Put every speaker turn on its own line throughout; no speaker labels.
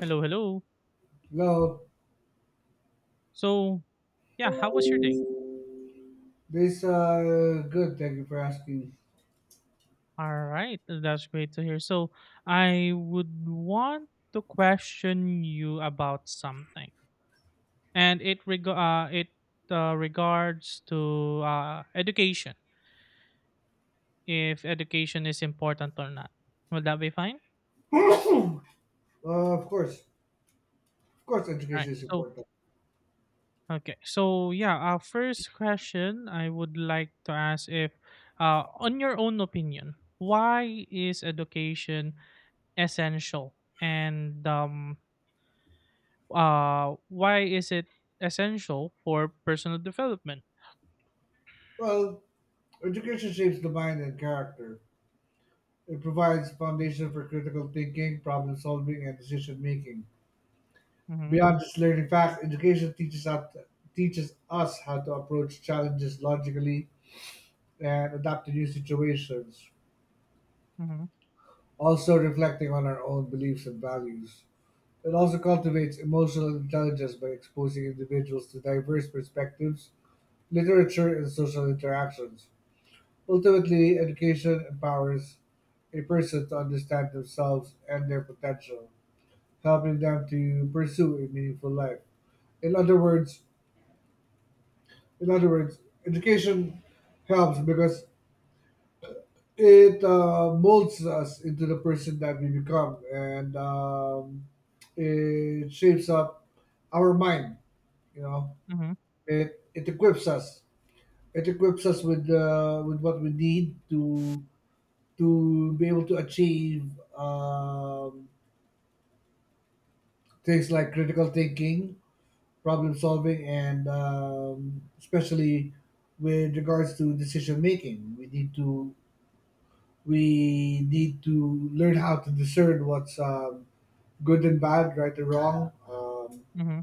Hello, hello.
No,
So, yeah, how was your day?
this good. Thank you for asking.
All right, that's great to hear. I would want to question you about something, and it regards to education. If education is important or not, will that be fine?
Of course, of course,
All right.
education is important.
Yeah, our first question I would like to ask if, on your own opinion, why is education essential and why is it essential for personal development.
Well, education shapes the mind and character. It provides foundation for critical thinking, problem solving, and decision making.
Mm-hmm,
Beyond just learning facts, education teaches us how to approach challenges logically and adapt to new situations.
mm-hmm,
Also, reflecting on our own beliefs and values. It also cultivates emotional intelligence by exposing individuals to diverse perspectives, literature and social interactions. Ultimately, education empowers a person to understand themselves and their potential, helping them to pursue a meaningful life. In other words, in other words, education helps because it molds us into the person that we become, and it shapes up our mind. You know,
mm-hmm,
it equips us. It equips us with what we need to be able to achieve um, things like critical thinking, problem solving, and especially with regards to decision making. We need to learn how to discern what's good and bad, right and wrong,
mm-hmm,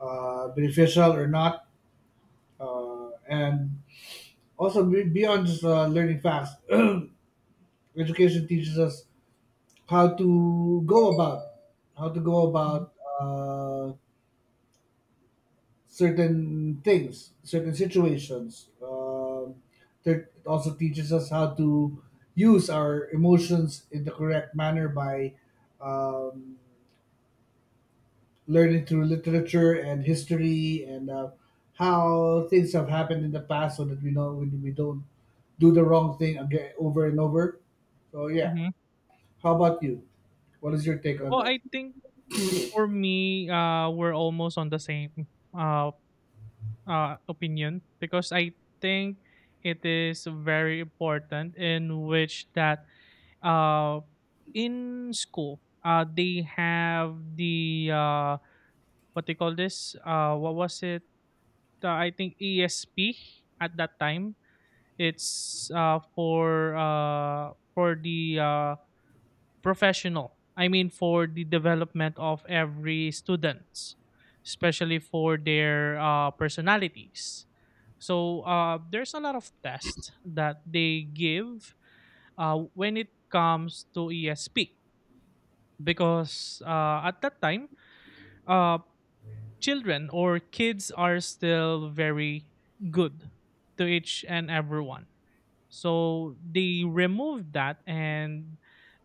beneficial or not, and also beyond just learning facts. Education teaches us how to go about how to go
mm-hmm,
about uh, certain things, certain situations. That it also teaches us how to use our emotions in the correct manner by um, learning through literature and history and how things have happened in the past, so that we know we don't do the wrong thing again over and over. So yeah,
mm-hmm.
how about you? What is your take on
well
that?
i think for me, we're almost on the same uh opinion because I think it is very important in which that uh in school they have the what they call this what was it I think ESP at that time. It's for for the professional. I mean, for the development of every students, especially for their personalities. So there's a lot of tests that they give when it comes to ESP because at that time, uh, children or kids are still very good to each and everyone. So they removed that, and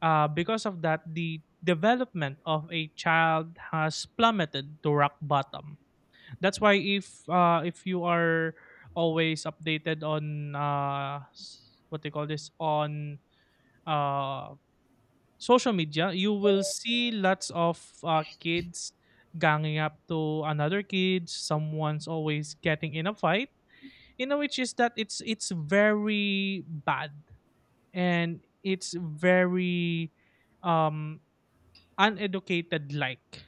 because of that, the development of a child has plummeted to rock bottom. That's why if you are always updated on what they call this on uh, social media, you will see lots of kids ganging up to another kid. Someone's always getting in a fight. You know, which is that it's very bad and it's very um uneducated like.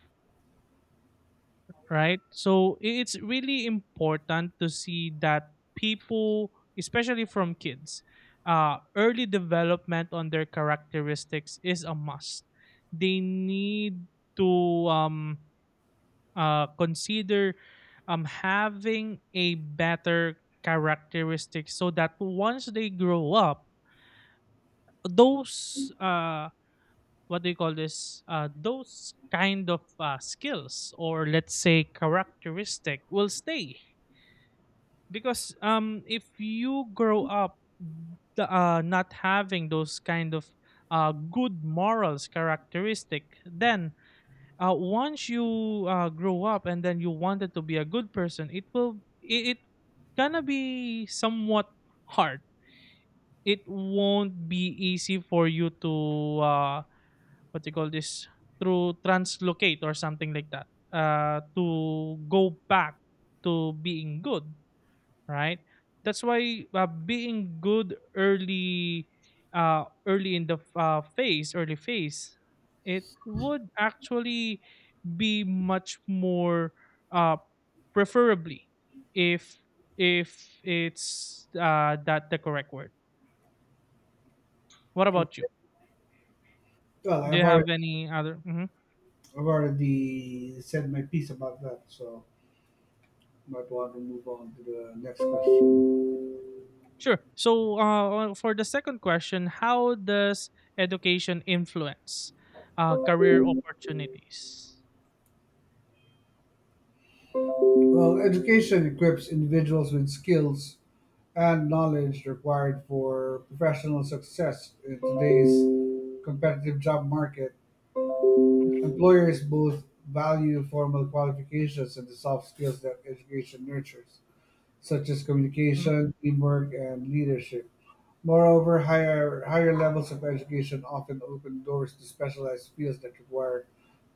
Right? So it's really important to see that people, especially from kids, early development on their characteristics is a must. They need to um, consider having a better characteristic so that once they grow up, those what do you call this? Those kind of skills or let's say characteristic will stay because if you grow up the, not having those kind of good morals characteristic then once you grow up and then you wanted to be a good person it gonna be somewhat hard, it won't be easy for you to what you call this through translocate or something like that, to go back to being good, right? That's why being good early, early phase, it would actually be much more uh, preferably if if it's that the correct word. What about you?
Well,
Do you have any other? Mhm.
I've already said my piece about that, so might want to move on to the next question.
Sure. So for the second question, how does education influence career opportunities?
Well, education equips individuals with skills and knowledge required for professional success in today's competitive job market. Employers both value formal qualifications and the soft skills that education nurtures, such as
Mhm,
communication, teamwork, and leadership. Moreover, higher levels of education often open doors to specialized fields that require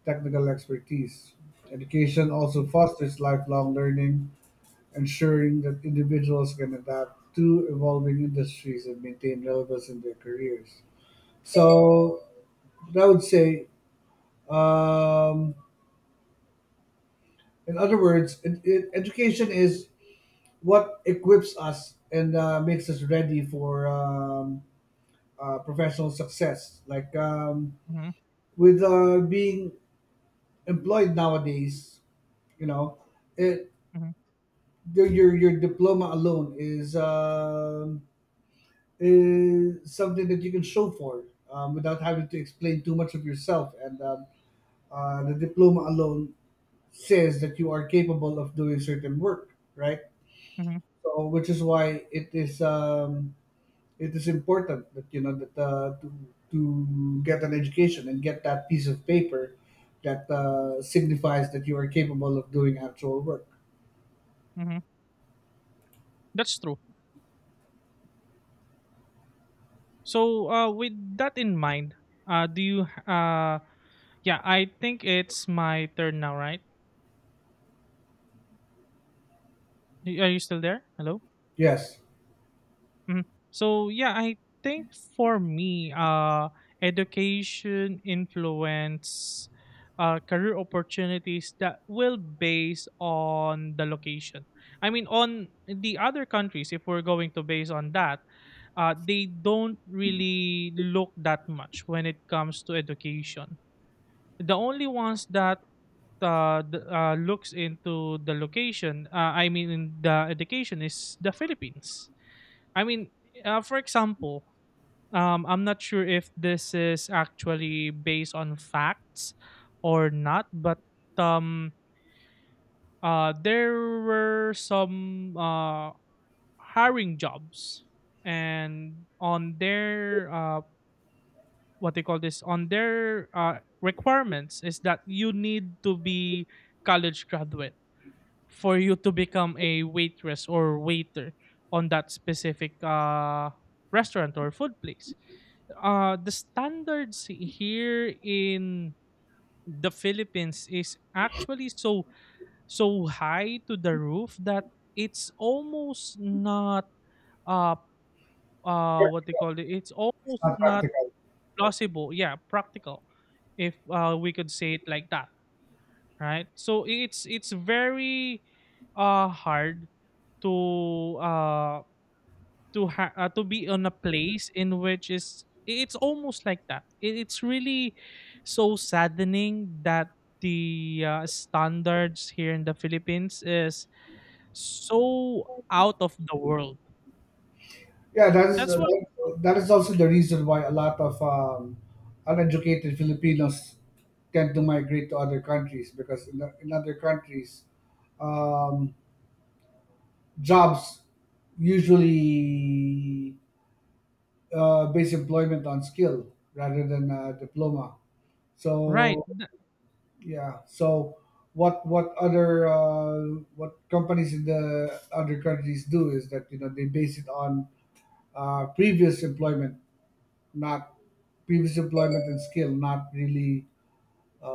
technical expertise. Education also
mhm,
fosters lifelong learning, ensuring that individuals can adapt to evolving industries and maintain relevance in their careers. So, I would say, um, in other words, education is what equips us and makes us ready for professional success. Like
mhm,
with being employed nowadays, you know, it
mhm.
your diploma alone is something that you can show for without having to explain too much of yourself and the diploma alone says that you are capable of doing certain work, right?
Mhm,
So which is why it is important that you know that to get an education and get that piece of paper that signifies that you are capable of doing actual work.
mhm. That's true. So, with that in mind, do you? Uh, yeah, I think it's my turn now, right? Are you still there? Hello.
Yes.
Mhm. So yeah, I think for me, education influence, career opportunities that will base on the location. I mean, on the other countries, if we're going to base on that, they don't really look that much when it comes to education. The only ones that looks into the location, I mean, in the education is the Philippines. I mean, for example, I'm not sure if this is actually based on facts or not, but um, there were some hiring jobs, and on their what they call this on their requirements is that you need to be college graduate for you to become a waitress or waiter on that specific restaurant or food place. Uh, the standards here in the Philippines is actually so so high to the roof that it's almost not uh
Yeah.
what they call it, it's
It's
almost
not
not
practical.
plausible, yeah, practical, if we could say it like that, right? So it's very hard to to be on a place in which is it's almost like that. It's really so saddening that the standards here in the Philippines is so out of the world.
Yeah,
That's why,
that is also the reason why a lot of uneducated Filipinos tend to migrate to other countries because in other countries, um, jobs usually base employment on skill rather than diploma.
right?
So yeah, so what other what companies in the other countries do is that, you know, they base it on previous employment, not previous employment and skill, not really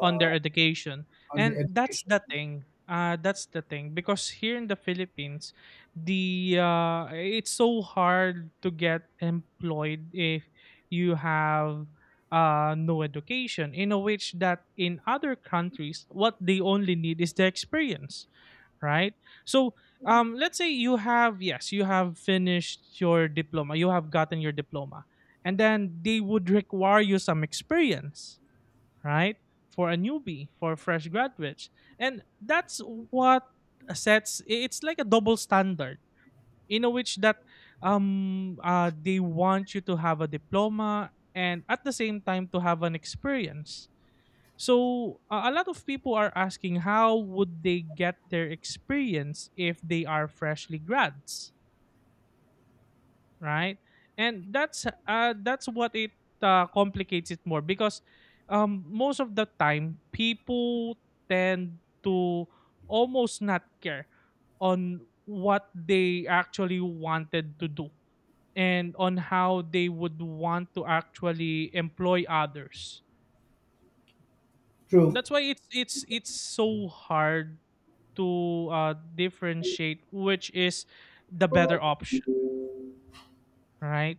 On their education.
on the
And that's
education.
the thing. That's the thing because here in the Philippines, the it's so hard to get employed if you have no education. In a which that in other countries, what they only need is the experience, right? So let's say you have, yes, you have finished your diploma, you have gotten your diploma, and then they would require you some experience, right? For a newbie, for fresh graduates. And that's what sets, it's like a double standard in a which that they want you to have a diploma and at the same time to have an experience. So a lot of people are asking how would they get their experience if they are freshly grads? Right? And that's what it complicates it more because most of the time people tend to almost not care on what they actually wanted to do and on how they would want to actually employ others.
True.
That's why it's so hard to differentiate which is the better option, right?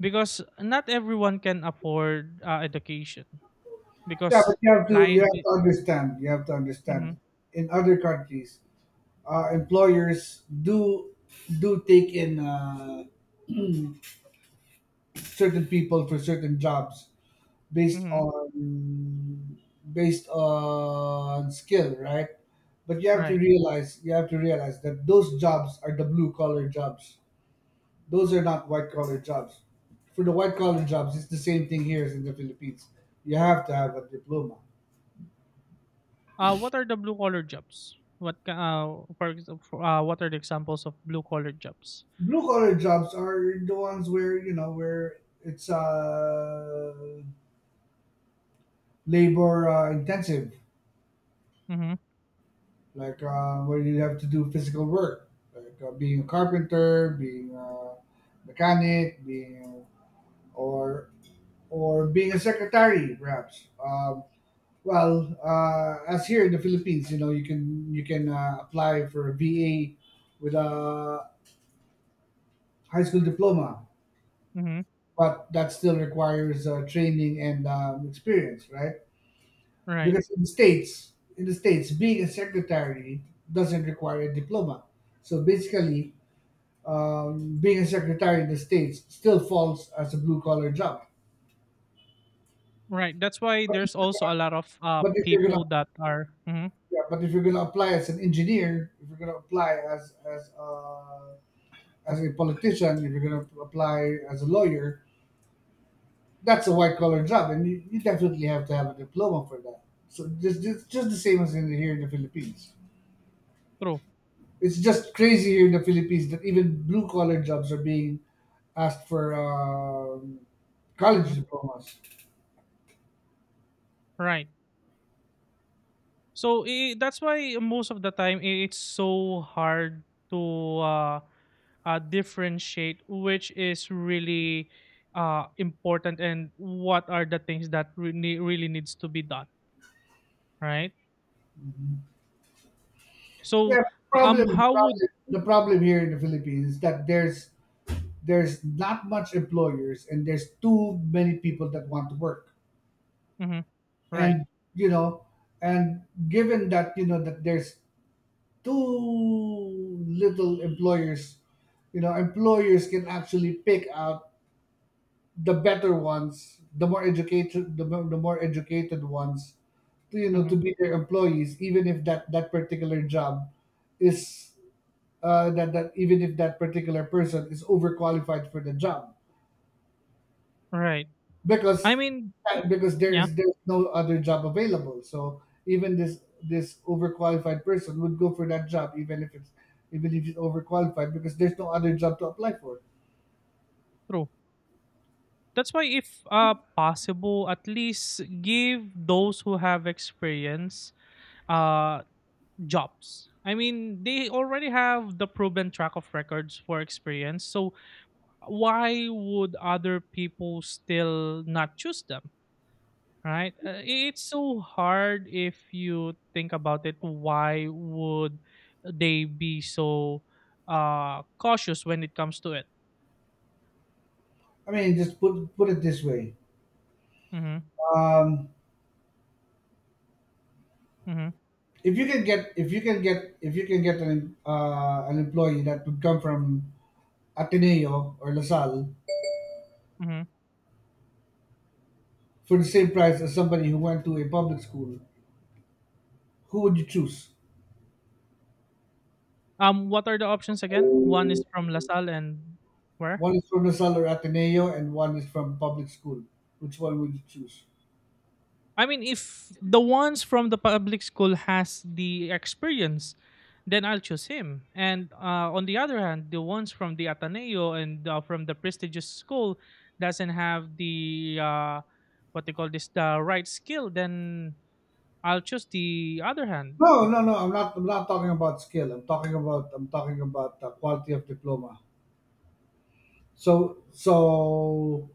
Because not everyone can afford education
Yeah, but
because
you
life
have
is,
to understand. You have to
hmm,
understand. In other countries, employers do take in certain people for certain jobs based
hmm,
on based on skill, right? But
right.
you have to realize that those jobs are the blue collar jobs. Those are not white collar jobs. For the white collar jobs, it's the same thing here as in the Philippines. You have to have a diploma.
What are the blue collar jobs, what ca- for, ex- for what are the examples of blue collar jobs?
Blue collar jobs are the ones where, you know, where it's labor intensive,
Mm-hmm,
like where you have to do physical work, like being a carpenter, being a mechanic, being or or being a secretary, perhaps. Well, as here in the Philippines, you know, you can apply for a BA with a high school diploma,
mm-hmm,
but that still requires training and experience, right?
right,
Because in the states, being a secretary doesn't require a diploma. So basically, being a secretary in the states still falls as a blue collar job.
right. That's why
But if
there's
you're
also
gonna,
a lot of
but if you're
people
gonna
that are hmm,
yeah, but if you're gonna apply as an engineer, if you're gonna apply as as a politician, if you're going to apply as a lawyer, that's a white collar job, and you definitely have to have a diploma for that. So just the same as in here in the Philippines.
true.
It's just crazy here in the Philippines that even blue collar jobs are being asked for college
Mm-hmm,
diplomas.
right. So I that's why most of the time, it's so hard to uh differentiate which is really important and what are the things that really really needs to be done, right? So
Yeah, problem,
how
problem
would
the problem here in the Philippines is that there's not much employers and there's too many people that want to work.
Mhm. Right.
And you know, and given that you know that there's too little employers, you know, employers can actually pick out the better ones, the more educated the, mo- the more educated ones to, you know, to
Mhm.
be their employees, even if that particular job is that that even if that particular person is overqualified for the job
Right. I
because
mean, yeah,
there's no other job available. So even this this overqualified person would go for that job even if it's overqualified because there's no other job to apply for.
true. That's why if possible, at least give those who have experience uh jobs. I mean, they already have the proven track of records for experience, so why would other people still not choose them, right? It's so hard if you think about it, why would they be so cautious when it comes to it?
I mean, just put it this way.
Mm-hmm,
um,
mm-hmm,
if you can get an employee that would come from Ateneo or La Salle
mm-hmm.
for the same price as somebody who went to a public school, who would you choose?
What are the options again? One is from Lasalle and where?
One is from Rizal or Ateneo, and one is from public school. Which one would you choose?
I mean, if the ones from the public school has the experience, then I'll choose him. And on the other hand, the ones from the Ateneo and from the prestigious school doesn't have the what they call this the right skill, then I'll choose the other hand.
No, no, no. I'm not talking about skill. I'm talking about the quality of diploma. So, so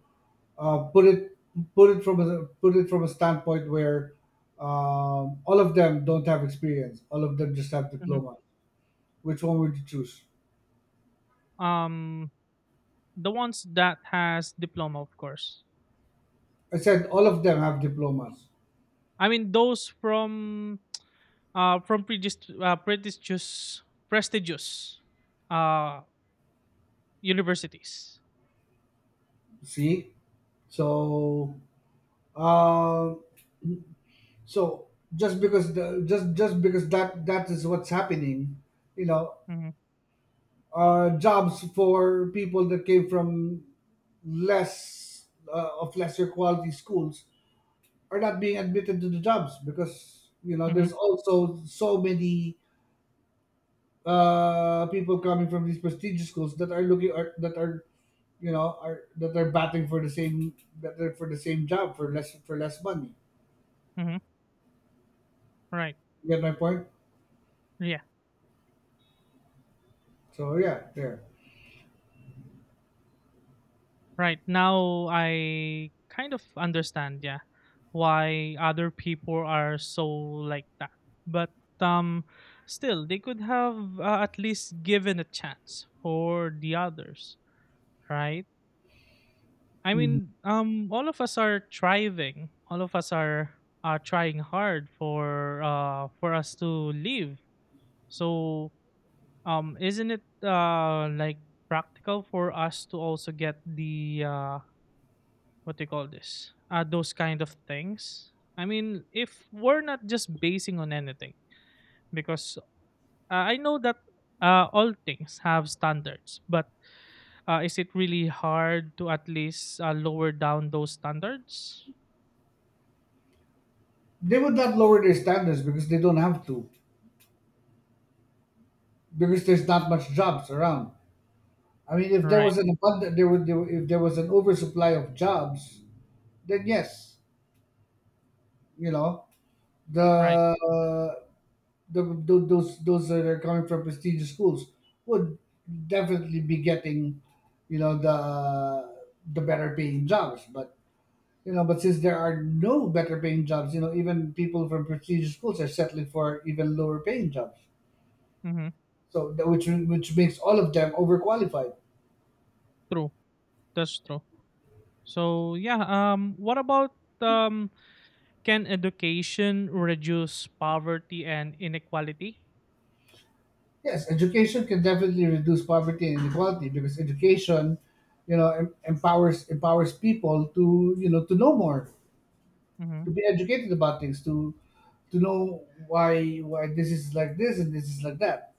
uh, put it put it from a standpoint where all of them don't have experience. All of them just have
Mhm.
diploma. Which one would you choose?
Um, the ones that has diploma, of course.
I said all of them have diplomas.
I mean those from prestigious, prestigious uh universities.
See, so uh, so just because the just because that that is what's happening, you know,
Mm-hmm,
jobs for people that came from less of lesser quality schools are not being admitted to the jobs because you know
mm-hmm,
there's also so many people coming from these prestigious schools that are, you know, are that are batting for the same that are for the same job for less money.
mm-hmm. Right.
You get my point?
Yeah,
So yeah, there.
right. Now I kind of understand, yeah, why other people are so like that. But um still they could have, at least given a chance for the others, right? I
Hmm.
mean, all of us are thriving. All of us are trying hard for us to live. So isn't it like practical for us to also get the what do you call this? Those kind of things. I mean, if we're not just basing on anything, because I know that all things have standards, but is it really hard to at least lower down those standards?
They would not lower their standards because they don't have to, because there's not much jobs around. I mean, if there
Right.
was an abundant there would there, if there was an oversupply of jobs, then yes, you know, the,
Right.
uh, those that are coming from prestigious schools would definitely be getting, you know, the better paying jobs, but you know, but since there are no better paying jobs, you know, even people from prestigious schools are settling for even lower paying jobs.
Mm-hmm.
So which makes all of them overqualified.
True. That's true. So yeah. What about um? Can education reduce poverty and inequality?
Yes, education can definitely reduce poverty and inequality because education, you know, empowers people to, you know, to know more,
Mm-hmm.
to be educated about things, to know why this is like this and this is like that.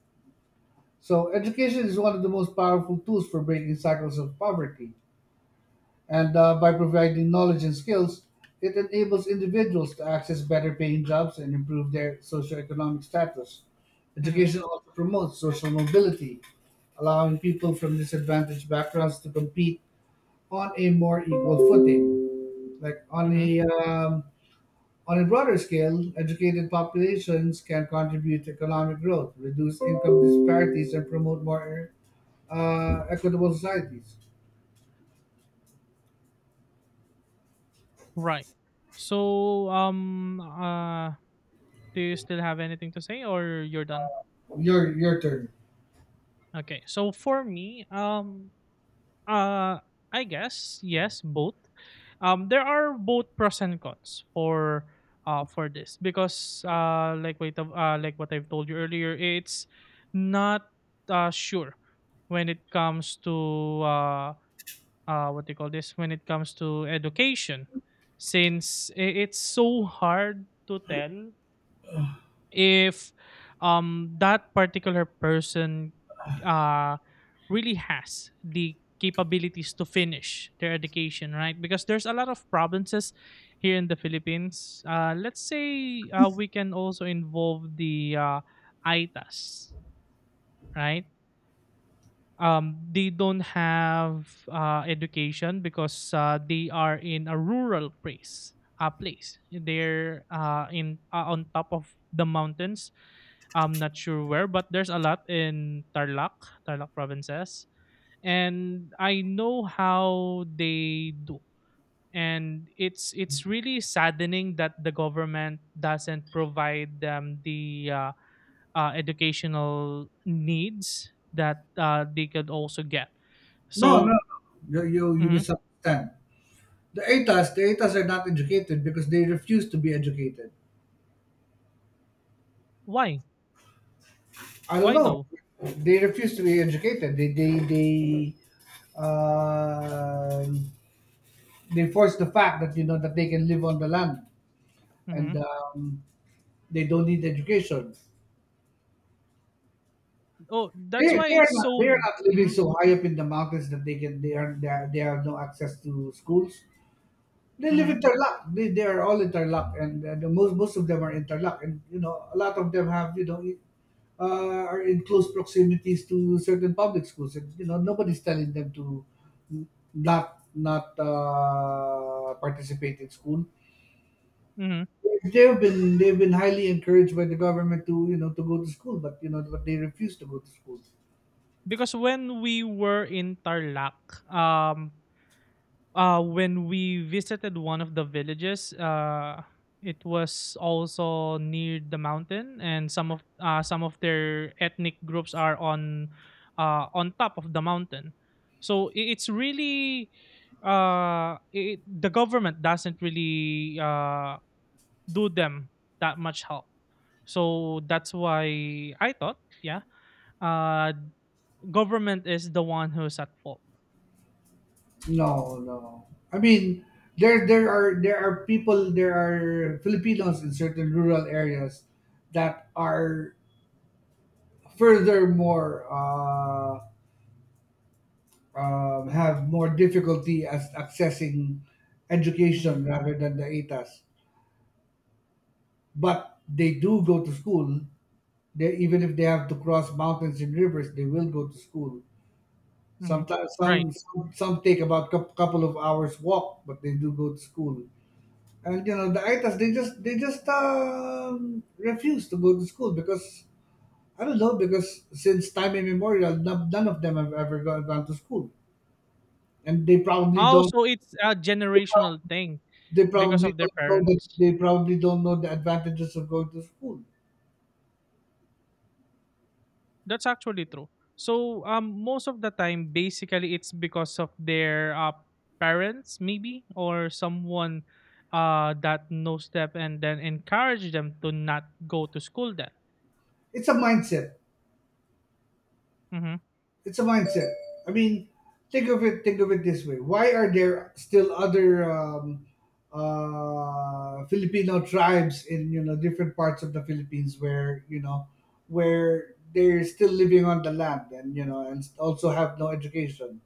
So education is one of the most powerful tools for breaking cycles of poverty. And by providing knowledge and skills, it enables individuals to access better paying jobs and improve their socioeconomic status.
Mm-hmm.
Education also promotes social mobility, allowing people from disadvantaged backgrounds to compete on a more equal footing. Like
Mm-hmm.
on a broader scale, educated populations can contribute to economic growth, reduce income disparities, and promote more equitable societies.
Right. So. Do you still have anything to say, or you're done?
Your turn.
Okay. So for me, Uh, I guess yes, both. There are both pros and cons for this because like what I've told you earlier, it's not sure when it comes to what do you call this, when it comes to education, since it's so hard to tell if that particular person uh really has the capabilities to finish their education, right? Because there's a lot of provinces here in the Philippines, let's say, we can also involve the itas, right? They don't have education because they are in a rural place, they're in on top of the mountains. I'm not sure where, but there's a lot in Tarlac, Tarlac provinces, and I know how they do. And it's really saddening that the government doesn't provide them the educational needs that they could also get.
No, no,
So
no. You
mhm.
misunderstand. The ATAs are not educated because they refuse to be educated.
why
I don't
why
know.
though?
They refuse to be educated. Um they force the fact that you know that they can live on the land and
Hmm.
they don't need education.
Oh, that's why it's
They
so.
are not living
Hmm,
so high up in the mountains that they can they are they, are, they have no access to schools. They live
hmm,
interlock. They are all interlock, and the most of them are interlock, and you know a lot of them have you know are in close proximities to certain public schools, and you know nobody's telling them to not participate in school.
hmm.
They've been highly encouraged by the government to to go to school, but but they refuse to go to school.
Because when we were in Tarlac, um, when we visited one of the villages, it was also near the mountain and some of their ethnic groups are on top of the mountain. So it's really the government doesn't really do them that much help, so that's why I thought, yeah, uh government is the one who's at fault.
No, no. I mean, there are Filipinos in certain rural areas that are furthermore have more difficulty as accessing
Hmm,
education rather than the ATAS. But they do go to school. They, even if they have to cross mountains and rivers, they will go to school.
hmm,
Sometimes
right.
some take about a couple of hours walk, but they do go to school. And the itas, they just refuse to go to school because I don't know, because since time immemorial, none of them have ever gone to school, and they probably
Oh,
don't,
so it's a
they prob-
generational thing
they
because
probably
of their
don't know that,
parents.
they probably don't know the advantages of going to school.
That's actually true. So most of the time, basically, it's because of their parents, maybe, or someone that knows them and then encourage them to not go to school. Then,
It's a mindset.
mm-hmm,
It's a mindset. I mean, think of it. Think of it this way. Why are there still other Filipino tribes in different parts of the Philippines where where they're still living on the land and and also have no education?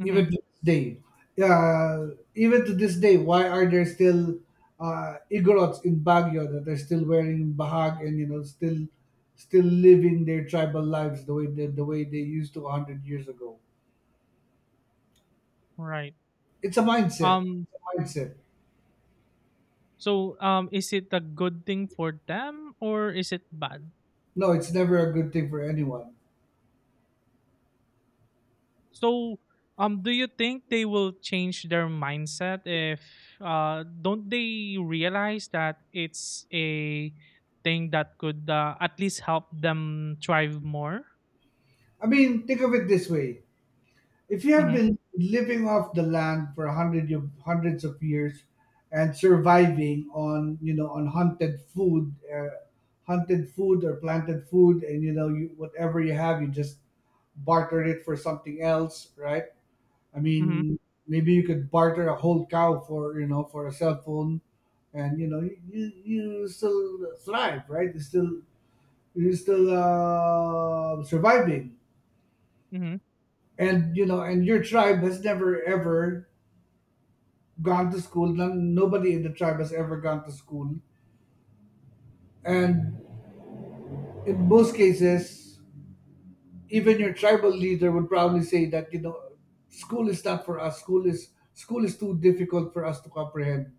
mm-hmm,
Even to this day. uh, Even to this day, why are there still igorots in Baguio that are still wearing bahag and still still living their tribal lives the way they used to 100 years ago.
right.
It's a mindset,
Um,
it's a mindset.
so is it a good thing for them or is it bad?
No, it's never a good thing for anyone.
So, do you think they will change their mindset if don't they realize that it's a thing that could at least help them thrive more?
I mean, think of it this way. If you have
Mm-hmm.
been living off the land for hundred of hundreds of years and surviving on on hunted food or planted food, and you, whatever you have, you just barter it for something else, right? I
Mm-hmm.
mean, maybe you could barter a whole cow for for a cell phone, and you still thrive, right? You still, you're still surviving,
Mm-hmm.
and you know, and your tribe has never ever gone to school. None, nobody in the tribe has ever gone to school. And in most cases, even your tribal leader would probably say that school is not for us. School is too difficult for us to comprehend,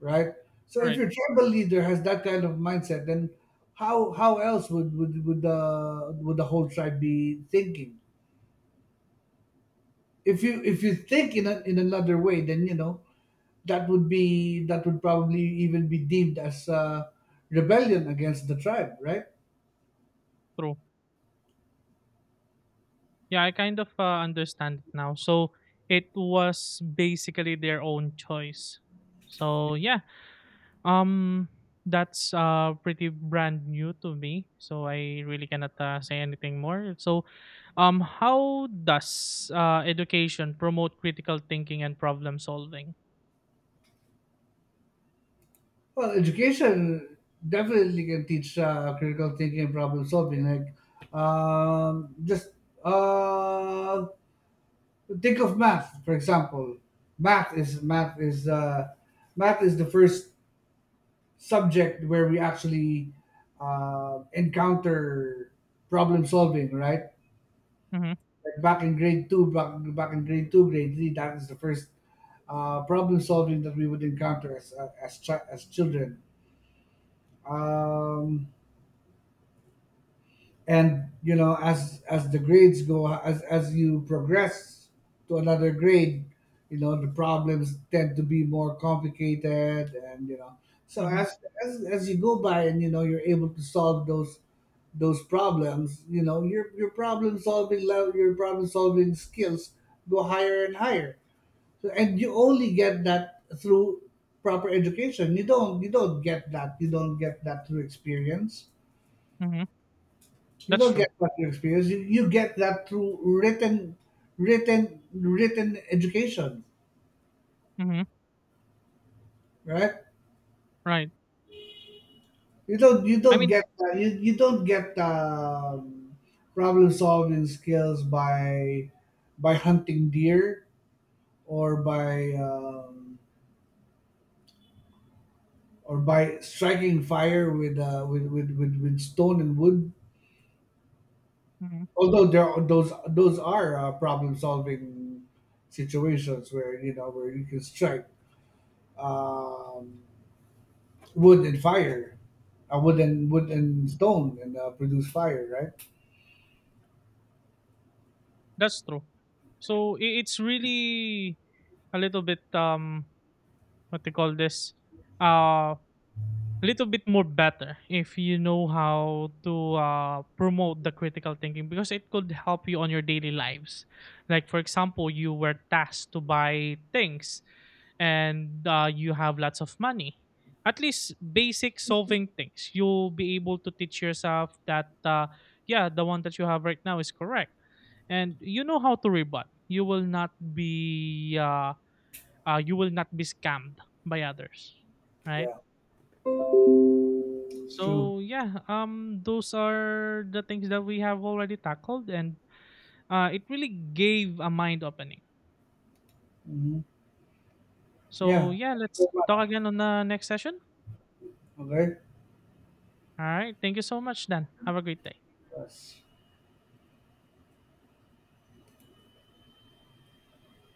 right? So
All
if
right.
your tribal leader has that kind of mindset, then how else would the whole tribe be thinking? If you think in a, in another way, then you know, that would be, that would probably even be deemed as rebellion against the tribe, right?
True. Yeah, I kind of understand it now. So it was basically their own choice. So yeah, Um, that's pretty brand new to me, so I really cannot say anything more. So, how does education promote critical thinking and problem solving?
Well, education definitely can teach critical thinking and problem solving, like just uh, think of math, for example. math is math is uh, Math is the first subject where we actually encounter problem solving, right?
Mm-hmm.
Like back in grade two, back in grade two, grade three, that is the first problem solving that we would encounter as as children. Um, and you know, as the grades go, as you progress to another grade, you know the problems tend to be more complicated, and you know, so
Mm-hmm.
as as you go by, and you know, you're able to solve those problems. You know, your problem solving level, your problem solving skills go higher and higher. So, and you only get that through proper education. You don't get that. You don't get that through experience.
Mm-hmm.
You
That's
don't
true.
get that through experience. You get that through written written education,
Mm-hmm.
right?
Right.
You don't you
I
don't
mean,
get that. You don't get problem solving skills by hunting deer, or by um, or by striking fire with with stone and wood,
mhm,
although there are, those are problem solving situations where you know where you can strike um, wood and fire, wood and stone and produce fire, right?
that's true. So it's really a little bit what they call this, uh. A little bit more better if you know how to promote the critical thinking because it could help you on your daily lives, like for example you were tasked to buy things and you have lots of money, at least basic solving things, you'll be able to teach yourself that, yeah, the one that you have right now is correct and you know how to rebut, you will not be you will not be scammed by others, right?
Yeah, it's true.
So yeah, those are the things that we have already tackled, and it really gave a mind opening.
Hmm.
So
Yeah,
yeah,
thank you
let's
very
talk
much.
again on the next session.
Okay.
All right, thank you so much, Dan. Have a great day.
Yes.